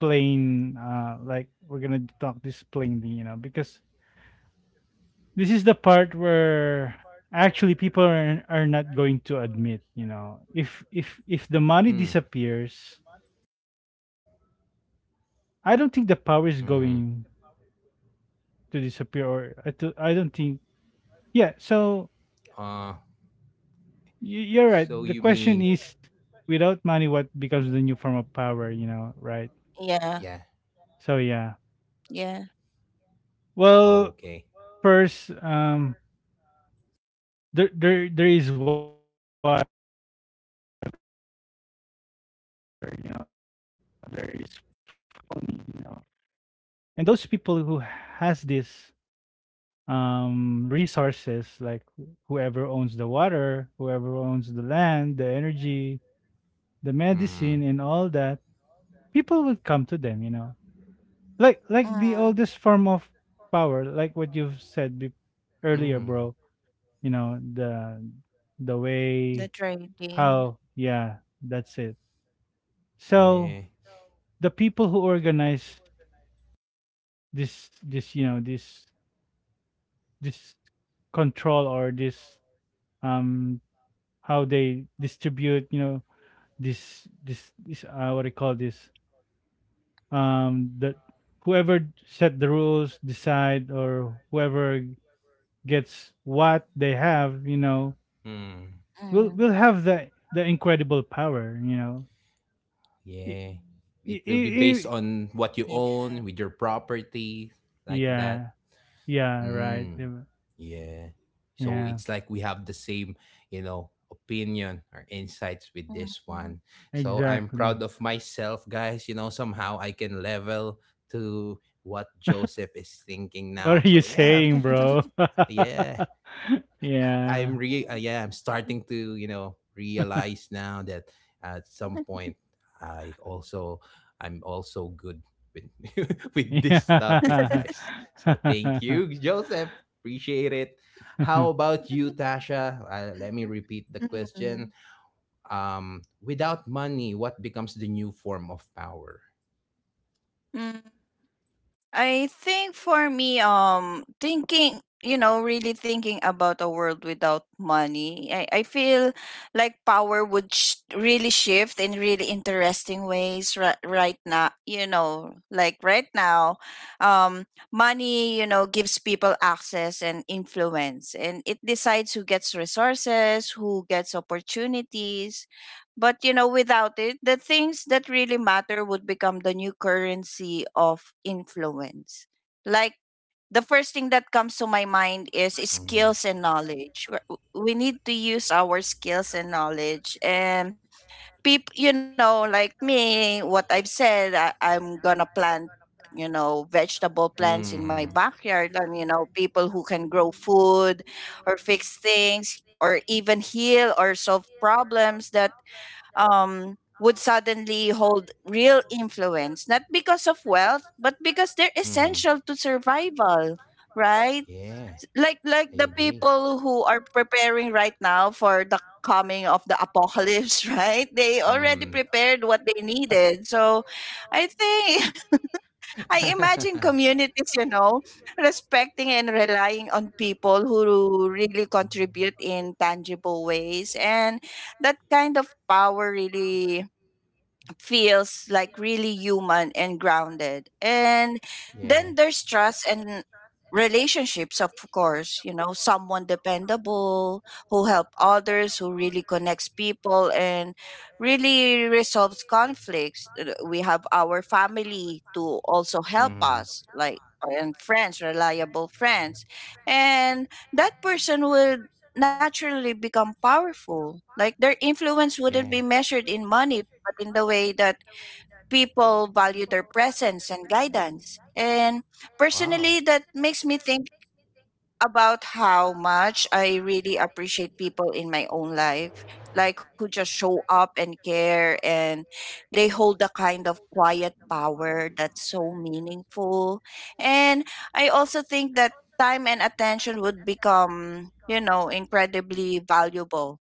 like we're gonna talk this plainly, you know, because this is the part where actually people are not going to admit, you know, if the Mm. money disappears. I don't think the power is Mm-hmm. going to disappear, or I don't think. Yeah, so Uh. You're right. So you The mean? question is, without money, what becomes the new form of power? You know, right? Yeah, Yeah. So yeah. yeah. Well, Okay. first, there is water. You know, there is food. There is land, and those people who has these resources, like whoever owns the water, whoever owns the land, the energy, the medicine, Mm. and all that, people would come to them, you know, like the Mm, oldest form of power, like what you've said earlier, Mm. bro. You know, the way the trading. how. Yeah, that's it. So Yeah. the people who organize this, you know, this control, or this, um how they distribute, you know, this what do you call this, the whoever set the rules, decide, or whoever gets what they have, you know, Mm. we'll Mm, we'll have the incredible power, you know. I- Yeah. It I- will be I- based I- on what you own, yeah. with your property, like that. yeah, yeah, right. Mm. Diba? Yeah. So Yeah, it's like we have the same opinion or insights with this one. Mm-hmm. So I'm exactly. proud (laughs) of myself, guys. Somehow I can level to what Joseph is thinking now. What are you So yeah, saying, bro? (laughs) yeah. I'm Yeah, re yeah, I'm starting to realize now that at some point I also, I'm also good with (laughs) with this topic, yeah, guys. So thank you, Joseph. Appreciate it. How (laughs) about you, Tasha? Let me repeat the question. Mm, Without money, what becomes the new form of power? (laughs) mm, I think for me, thinking, you know, really thinking about a world without money, I feel like power would really shift in really interesting ways right now. You know, like right now, um, money, you know, gives people access and influence, and it decides who gets resources, who gets opportunities, but you know, without it, the things that really matter would become the new currency of influence. Like, the first thing that comes to my mind is Mhm. skills and knowledge. We need to use our skills and knowledge. And people, you know, like me, what I've said, I'm gonna plant, you know, vegetable plants in my backyard, and you know, people who can grow food or fix things or even heal or solve problems that would suddenly hold real influence, not because of wealth, but because they're essential to survival, right? Like I the like, people who are preparing right now for the coming of the apocalypse, (laughs) right? (laughs) They already prepared what (laughs) they needed. So I think (laughs) I (laughs) imagine I. communities, you know, respecting and relying on people who really contribute in tangible ways. And that kind of power really feels like really human and grounded. And then there's trust and relationships, of course, you know, someone dependable who help others, who really connects people and really resolves conflicts. We have our family to also help us, like, and friends, reliable friends. And that person will naturally become powerful. Like, their influence wouldn't be measured in money, but in the way that people value their presence and guidance. And Wow. personally, that makes me think about how much I really appreciate people in my own life, like who just show up and care, and they hold a kind of quiet power that's so meaningful. And I also think that time and attention would become, you know, incredibly valuable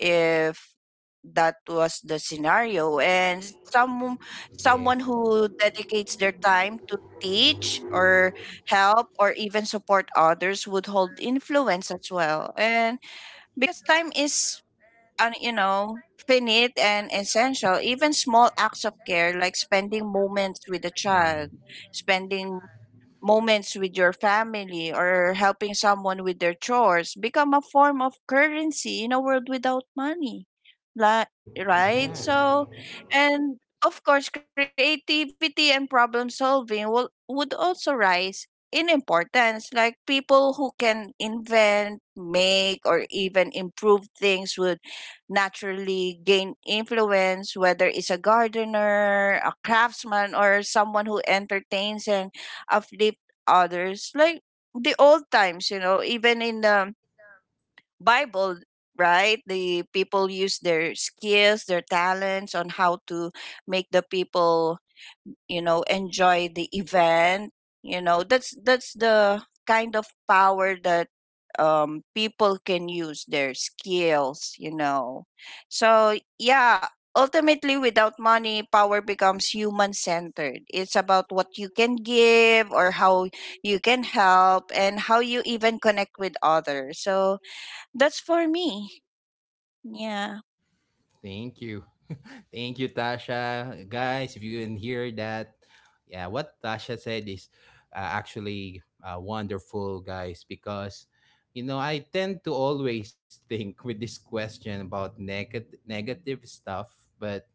if that was the Yeah. scenario, and some someone who dedicates their time to teach or help or even support others would hold influence as well, and because time is you know, finite and essential, even small acts of care, like spending moments with a child, spending moments with your family, or helping someone with their chores become a form of currency in a world without money. Li- right, Yeah. so and of course creativity and problem solving will would also rise in importance, like people who can invent, make, or even improve things would naturally gain influence, whether it's a gardener, a craftsman, or someone who entertains and uplift others, like the old times, you know, even in the Bible, right? The people use their skills, their talents on how to make the people, you know, enjoy the event. You know, that's the kind of power that people can use their skills, you know. So, yeah, ultimately, without money, power becomes human centered. It's about what you can give or how you can help and how you even connect with others. So, that's for me. Yeah. Thank you. (laughs) Thank you, Tasha. Guys, if you didn't hear that, yeah, what Tasha said is, actually, wonderful, guys, because, I tend to always (laughs) think with this question about negative stuff, but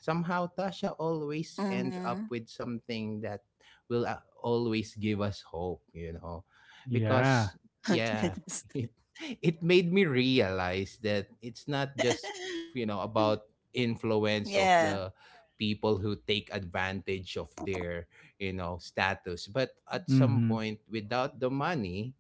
somehow Tasha Mhm. always ends up with something that will, always give us hope, yeah. because, yeah, (laughs) Yes. (laughs) it (laughs) it made me realize that Yeah. it's not just about influence of the people who take advantage of their status, but at some Mm-hmm. point, without the money,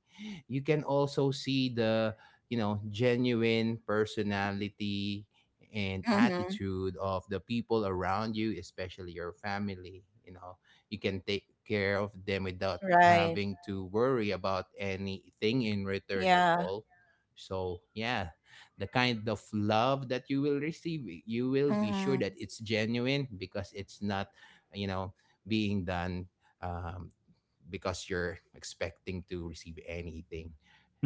you can also see the Mhm. genuine personality and attitude of the people around you, especially your family. You Right. know, you can take care of them without having Yeah. to worry about anything in return at all. So, yeah, the kind of Mhm. love that you will receive, you will be sure that it's genuine because it's not, you know, being done. Um, because you're expecting to receive anything.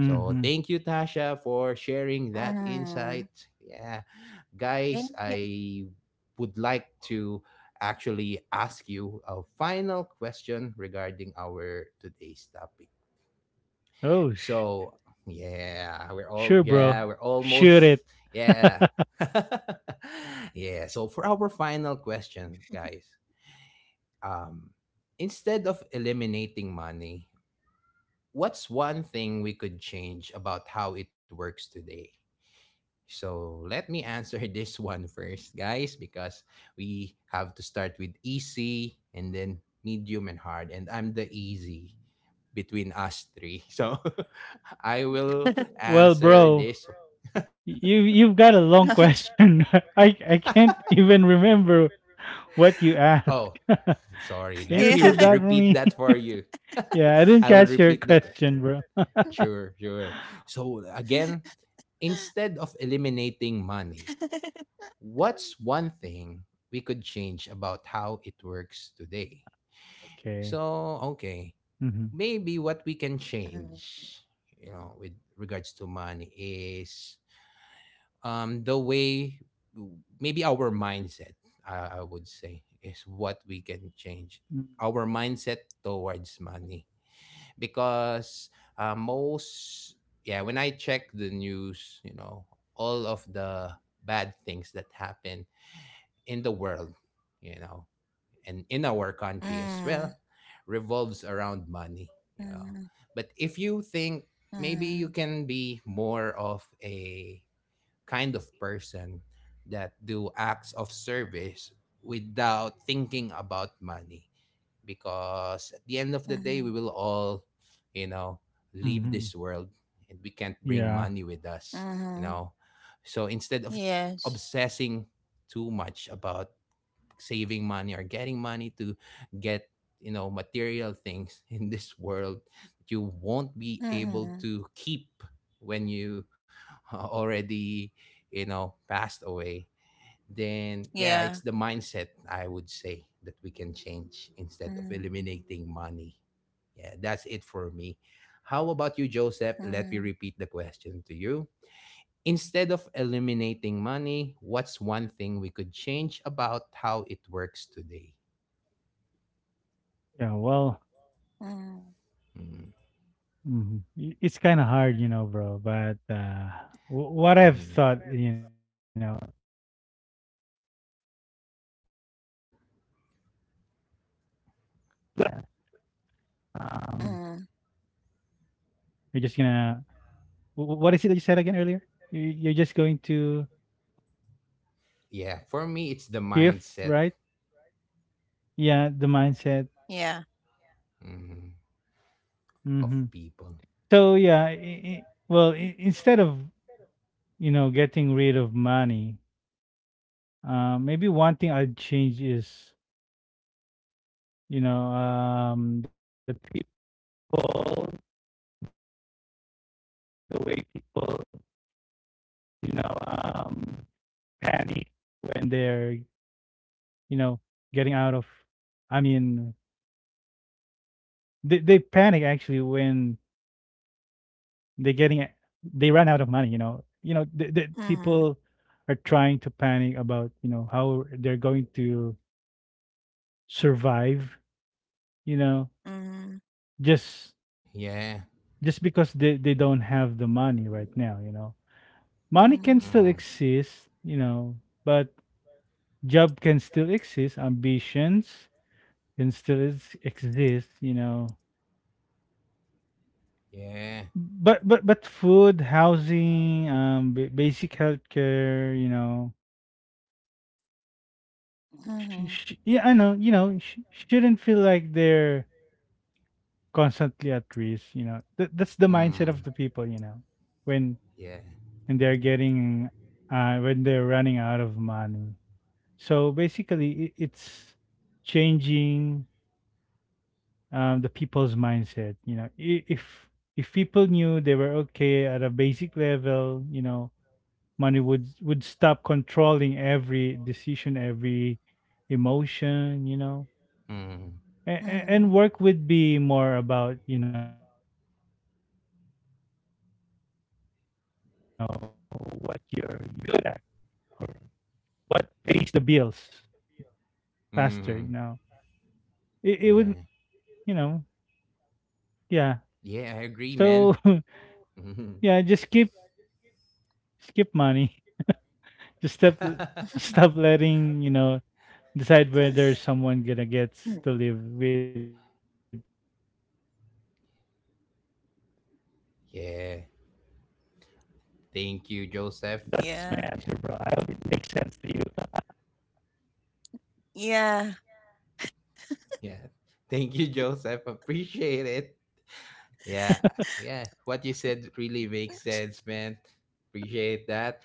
So thank you, Mhm. Tasha, for sharing that Thank you. insight. Yeah, guys, I would like to actually ask you a final question regarding our today's topic. Oh, So Mm. yeah, we're all, sure, yeah, bro. we're Shoot almost, it. yeah, (laughs) (laughs) yeah. So, for our final question, guys, um, instead of eliminating money, what's one thing we could change about how it works today? So let me answer (laughs) this one first, guys, because we have to start with easy and then medium and hard. And I'm the easy between us (laughs) three. (laughs) So (laughs) I will Well, answer bro. this. You've got a long question. (laughs) I can't (laughs) even remember Yeah. what you asked. Oh, (laughs) Can sorry. you Let me repeat that for repeat me? that (laughs) for you. (laughs) Yeah, I didn't I will catch your repeat the question, question. bro. Sure, sure. So again, instead of eliminating money, what's one thing we could change about how it works today? Okay. So, okay, Mhm. Mm. maybe what we can change, with regards to money is, the way, maybe our mindset, I would say, is what we can change. Mm. Our mindset towards money, because, most yeah, when I check the news, all of the bad things that happen in the world, you know, and in our country as well, revolves around Mm. money, Mhm. you know. But if you think, maybe you can be more of a kind of person that do acts of service without thinking about money, because at the Mhm. Mhm. end of Mhm. the day we will all, you know leave Mhm. this world, and we can't bring Yeah. money with us you know so instead of Yes. obsessing too much about saving money or getting money to get, material things (laughs) in this world that you won't be Mhm. able to keep when you (laughs) already, passed away. Then Yeah. yeah, it's the mindset, I would say, that we can change, Mhm. instead of eliminating money. Yeah, that's it for me. How about you, Joseph? Mhm. Let me repeat the question to you. Instead of eliminating money, what's one thing we could change about how it works today? Yeah. Well, Mhm. Mm, mhm. It's kind of hard, you know, bro. But what I've mm. thought, you know, um, Mhm. you're just gonna. What is it that you said again earlier? You- You're just going to Yeah, for me, it's the shift, mindset, right? Yeah, the mindset. Yeah. mm, of Mm-hmm. people. So yeah, I well, I instead of, you know, getting rid of money, maybe one thing I'd change is, you know, the people when they're, you know, getting out of. I mean, they panic actually when they getting a- they run out of money. You know the Mhm. people are trying to panic about, you know, how they're going to survive. You know, Mhm. just Yeah, just because they don't have the money right now, you know. Money can still mm, exist, you know, but job can still exist, ambitions exist, you know. yeah, But but food, housing, basic healthcare, you know, Mhm. Yeah, I know, you know, shouldn't feel like they're constantly at risk, you know. That's the mindset of mm, the people, you know, when yeah, they're getting when they're running out of money. So basically, it's changing, the people's mindset. You know, if people knew they were okay at a basic level, you know, money would stop controlling every decision, every emotion. You know, mm, and Mhm. work would be more about, you know, what what pays the bills faster. mm, You know, it yeah. would, you know, yeah. Yeah, I agree, man. So Mhm. (laughs) yeah, just skip money. Just (laughs) Mhm. stop letting, you know, decide whether (laughs) someone gonna gets to live with. Yeah, thank you, Joseph. Yeah. Yeah, Yeah. yeah. Thank you, Joseph. Appreciate it. Yeah, yeah. What you said really makes sense, man. Appreciate that.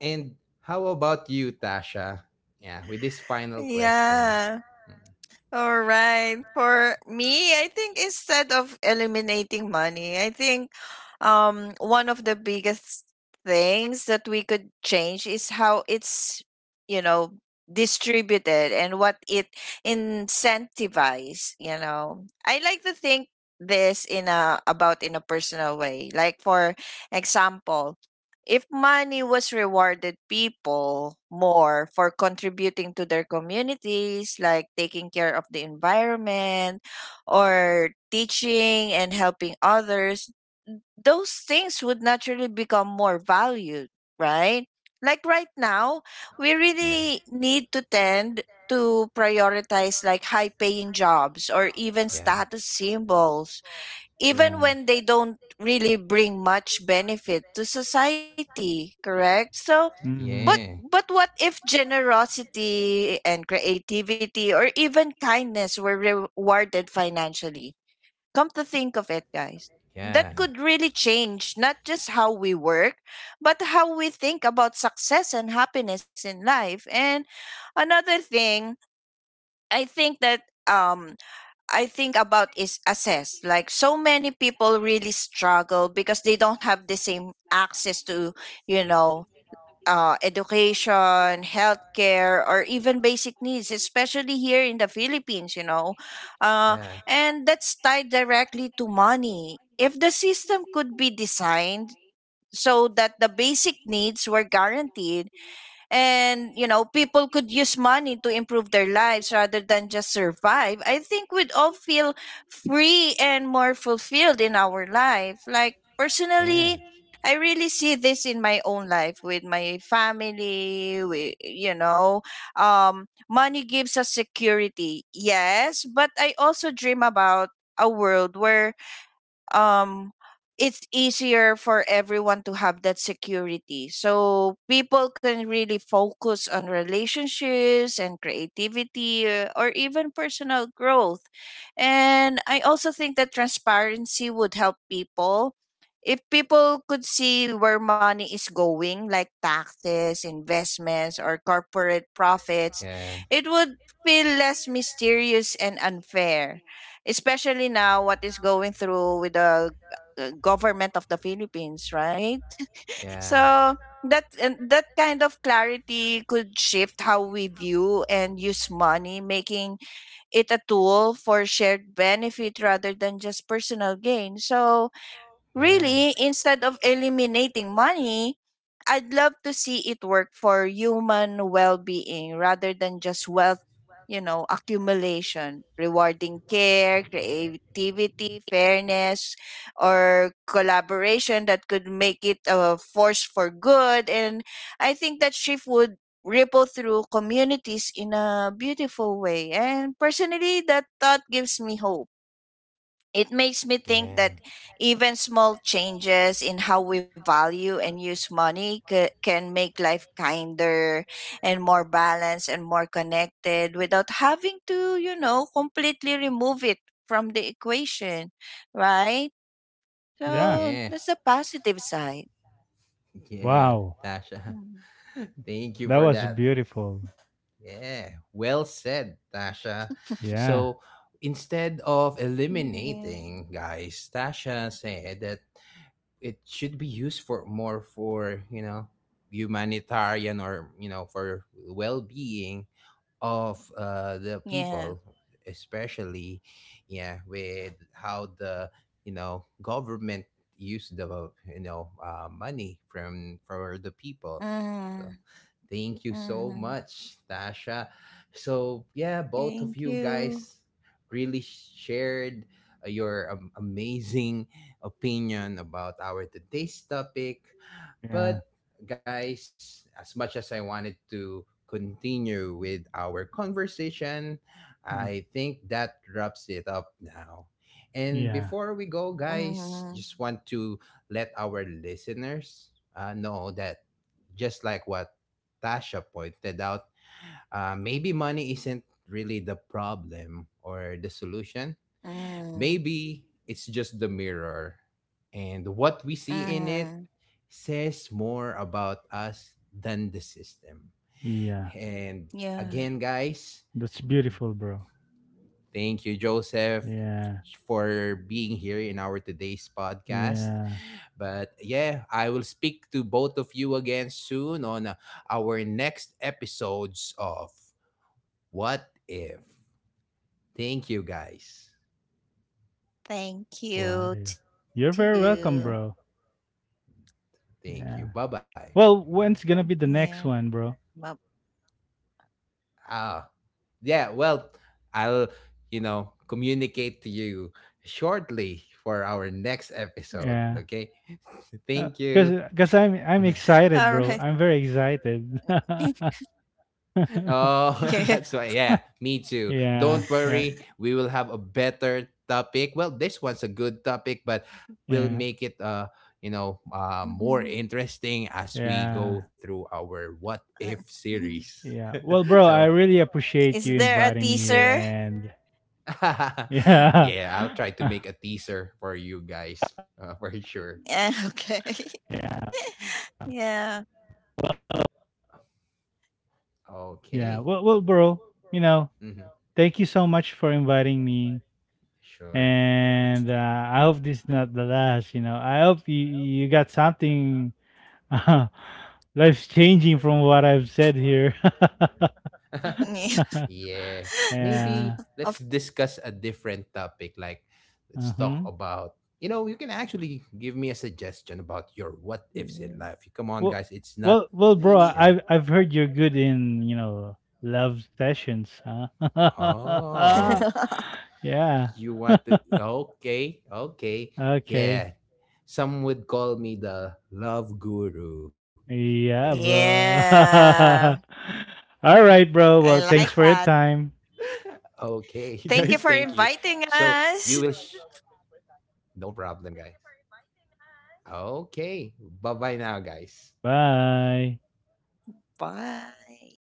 And how about you, Tasha? Yeah, with this final question. Yeah. Mm, All right. For me, I think instead of eliminating money, I think one of the biggest things that we could change is how it's, you know, distributed and what it incentivizes, you know. I like to think this in a about in a personal way. Like, for example, if money was rewarded people more for contributing to their communities, like taking care of the environment or teaching and helping others, those things would naturally become more valued, right? Like, right now, we yeah. Mm, yeah. really need to tend to prioritize like high paying jobs or even Yeah. status symbols, even Yeah. when they don't really bring much benefit to society, correct? So Hmm. Yeah. but what if generosity and creativity or even kindness were rewarded financially, come to think of it, guys, that Yeah. could really change not just how we work, but how we think about success and happiness in life. And another thing I think that um I think about is assess. Like, so many people really struggle because they don't have the same access to, you know, education, healthcare, or even basic needs, especially here in the Philippines, you know. Uh, Yeah. and that's tied directly to money. If the system could be designed so that the basic needs were guaranteed, and you know, people could use money to improve their lives rather than just survive, I think we'd all feel free and more fulfilled in our life. Like, Yeah. That. personally, I really see this in my own life with my family. We, you know, money gives us security, yes, but I also dream about a world where um it's easier for everyone to have that security, so people can really focus on relationships and creativity, or even personal growth. And I also think that transparency would help people. If people could see where money is going, like taxes, investments, or corporate profits, Yeah. it would feel less mysterious and unfair, especially now what is going through with the government of the Philippines, right? Yeah. So that, and that kind of clarity could shift how we view and use money, making it a tool for shared benefit rather than just personal gain. So Yeah. really, It. instead of eliminating money, I'd love to see it work for human well being rather than just wealth, you know, accumulation, rewarding care, creativity, fairness, or collaboration that could make it a force for good. And I think that shift would ripple through communities in a beautiful way. And personally, that thought gives me hope. It makes me think Yeah. that even small changes in how we value and use money can make life kinder and more balanced and more connected without having to, you know, completely remove it from the equation, right? Yeah. So Yeah, that's the positive side. yeah, Wow. Tasha. Mhm. (laughs) Thank you That for was that. beautiful. Yeah, well said, Tasha. Yeah. So instead of Yeah. eliminating, guys, Tasha said that it should be used for more, for, humanitarian, or, for well being of, the Yeah. people, especially, yeah, with how the, government used the, money from, for the people. So Mm, thank you so mhm. much, Tasha. So yeah, both of Thank you you. guys really shared, your, amazing opinion about our today's topic. Yeah. But guys, as much as I wanted to continue with our conversation, Mm. I think that wraps it up now. And Yeah. before we go, guys, Mm, just want to let our listeners, know that just like what Tasha pointed out, maybe money isn't really the problem or the solution. mm, Maybe it's just the mirror. And what we see in it mm. says more about us than the system. Yeah. And again, Yeah. guys, That's beautiful, bro. thank you, Joseph, Yeah. for being here in our today's podcast. Yeah. But yeah, I will speak to both of you again soon on, our next episodes of What If. Thank you, guys. Thank What if? you You're very too. welcome, Okay. bro. Thank you. Yeah. Bye bye. Well, when's gonna be the Yeah. next one, bro? Well, Ah, yeah, well, I'll, communicate to you shortly for our next episode. Yeah. Okay. (laughs) Thank you. Cause I'm Mhm. excited, bro. all I'm right. very excited. (laughs) (laughs) Oh, (laughs) yeah. that's why. Yeah, me too. Yeah. Don't worry. We will have a better topic. Well, this one's a good topic, but we'll Yeah. make it, more Mhm. interesting as we go Yeah. through our What If Uh, series. mhm. (laughs) Yeah. Well, bro, So I really appreciate Is you there a inviting me here, teaser? and (laughs) (laughs) yeah. yeah, I'll try to (laughs) make a teaser for you guys, (laughs) for sure. Yeah. Okay. (laughs) Yeah. yeah. Okay. Well, well, bro. You know, Hmm. thank you so much for inviting me, Sure. and I hope this is not the last. You know, I hope you got something uh, (laughs) life changing from what I've said here. Yeah. (laughs) (laughs) Yeah. Maybe Yeah. let's Of discuss a different topic. Like, let's talk Uh-huh. about, you can actually give me a suggestion about your what ifs Yeah. in life. Come on, Well, guys. It's not. Bro. yeah. Yeah. I've heard you're good in, you know, love sessions. Huh? Oh, (laughs) (laughs) Yeah. you want to? Okay, okay, Okay. yeah. Some would call me the love guru. Yeah. Yeah, bro. (laughs) So, All yeah. (laughs) right, bro. I Well, okay, (laughs) thanks like for your guys, that. thank you. time. So you will. Thank you for inviting us. No problem, guys. Okay, bye bye now, guys. Bye. Bye.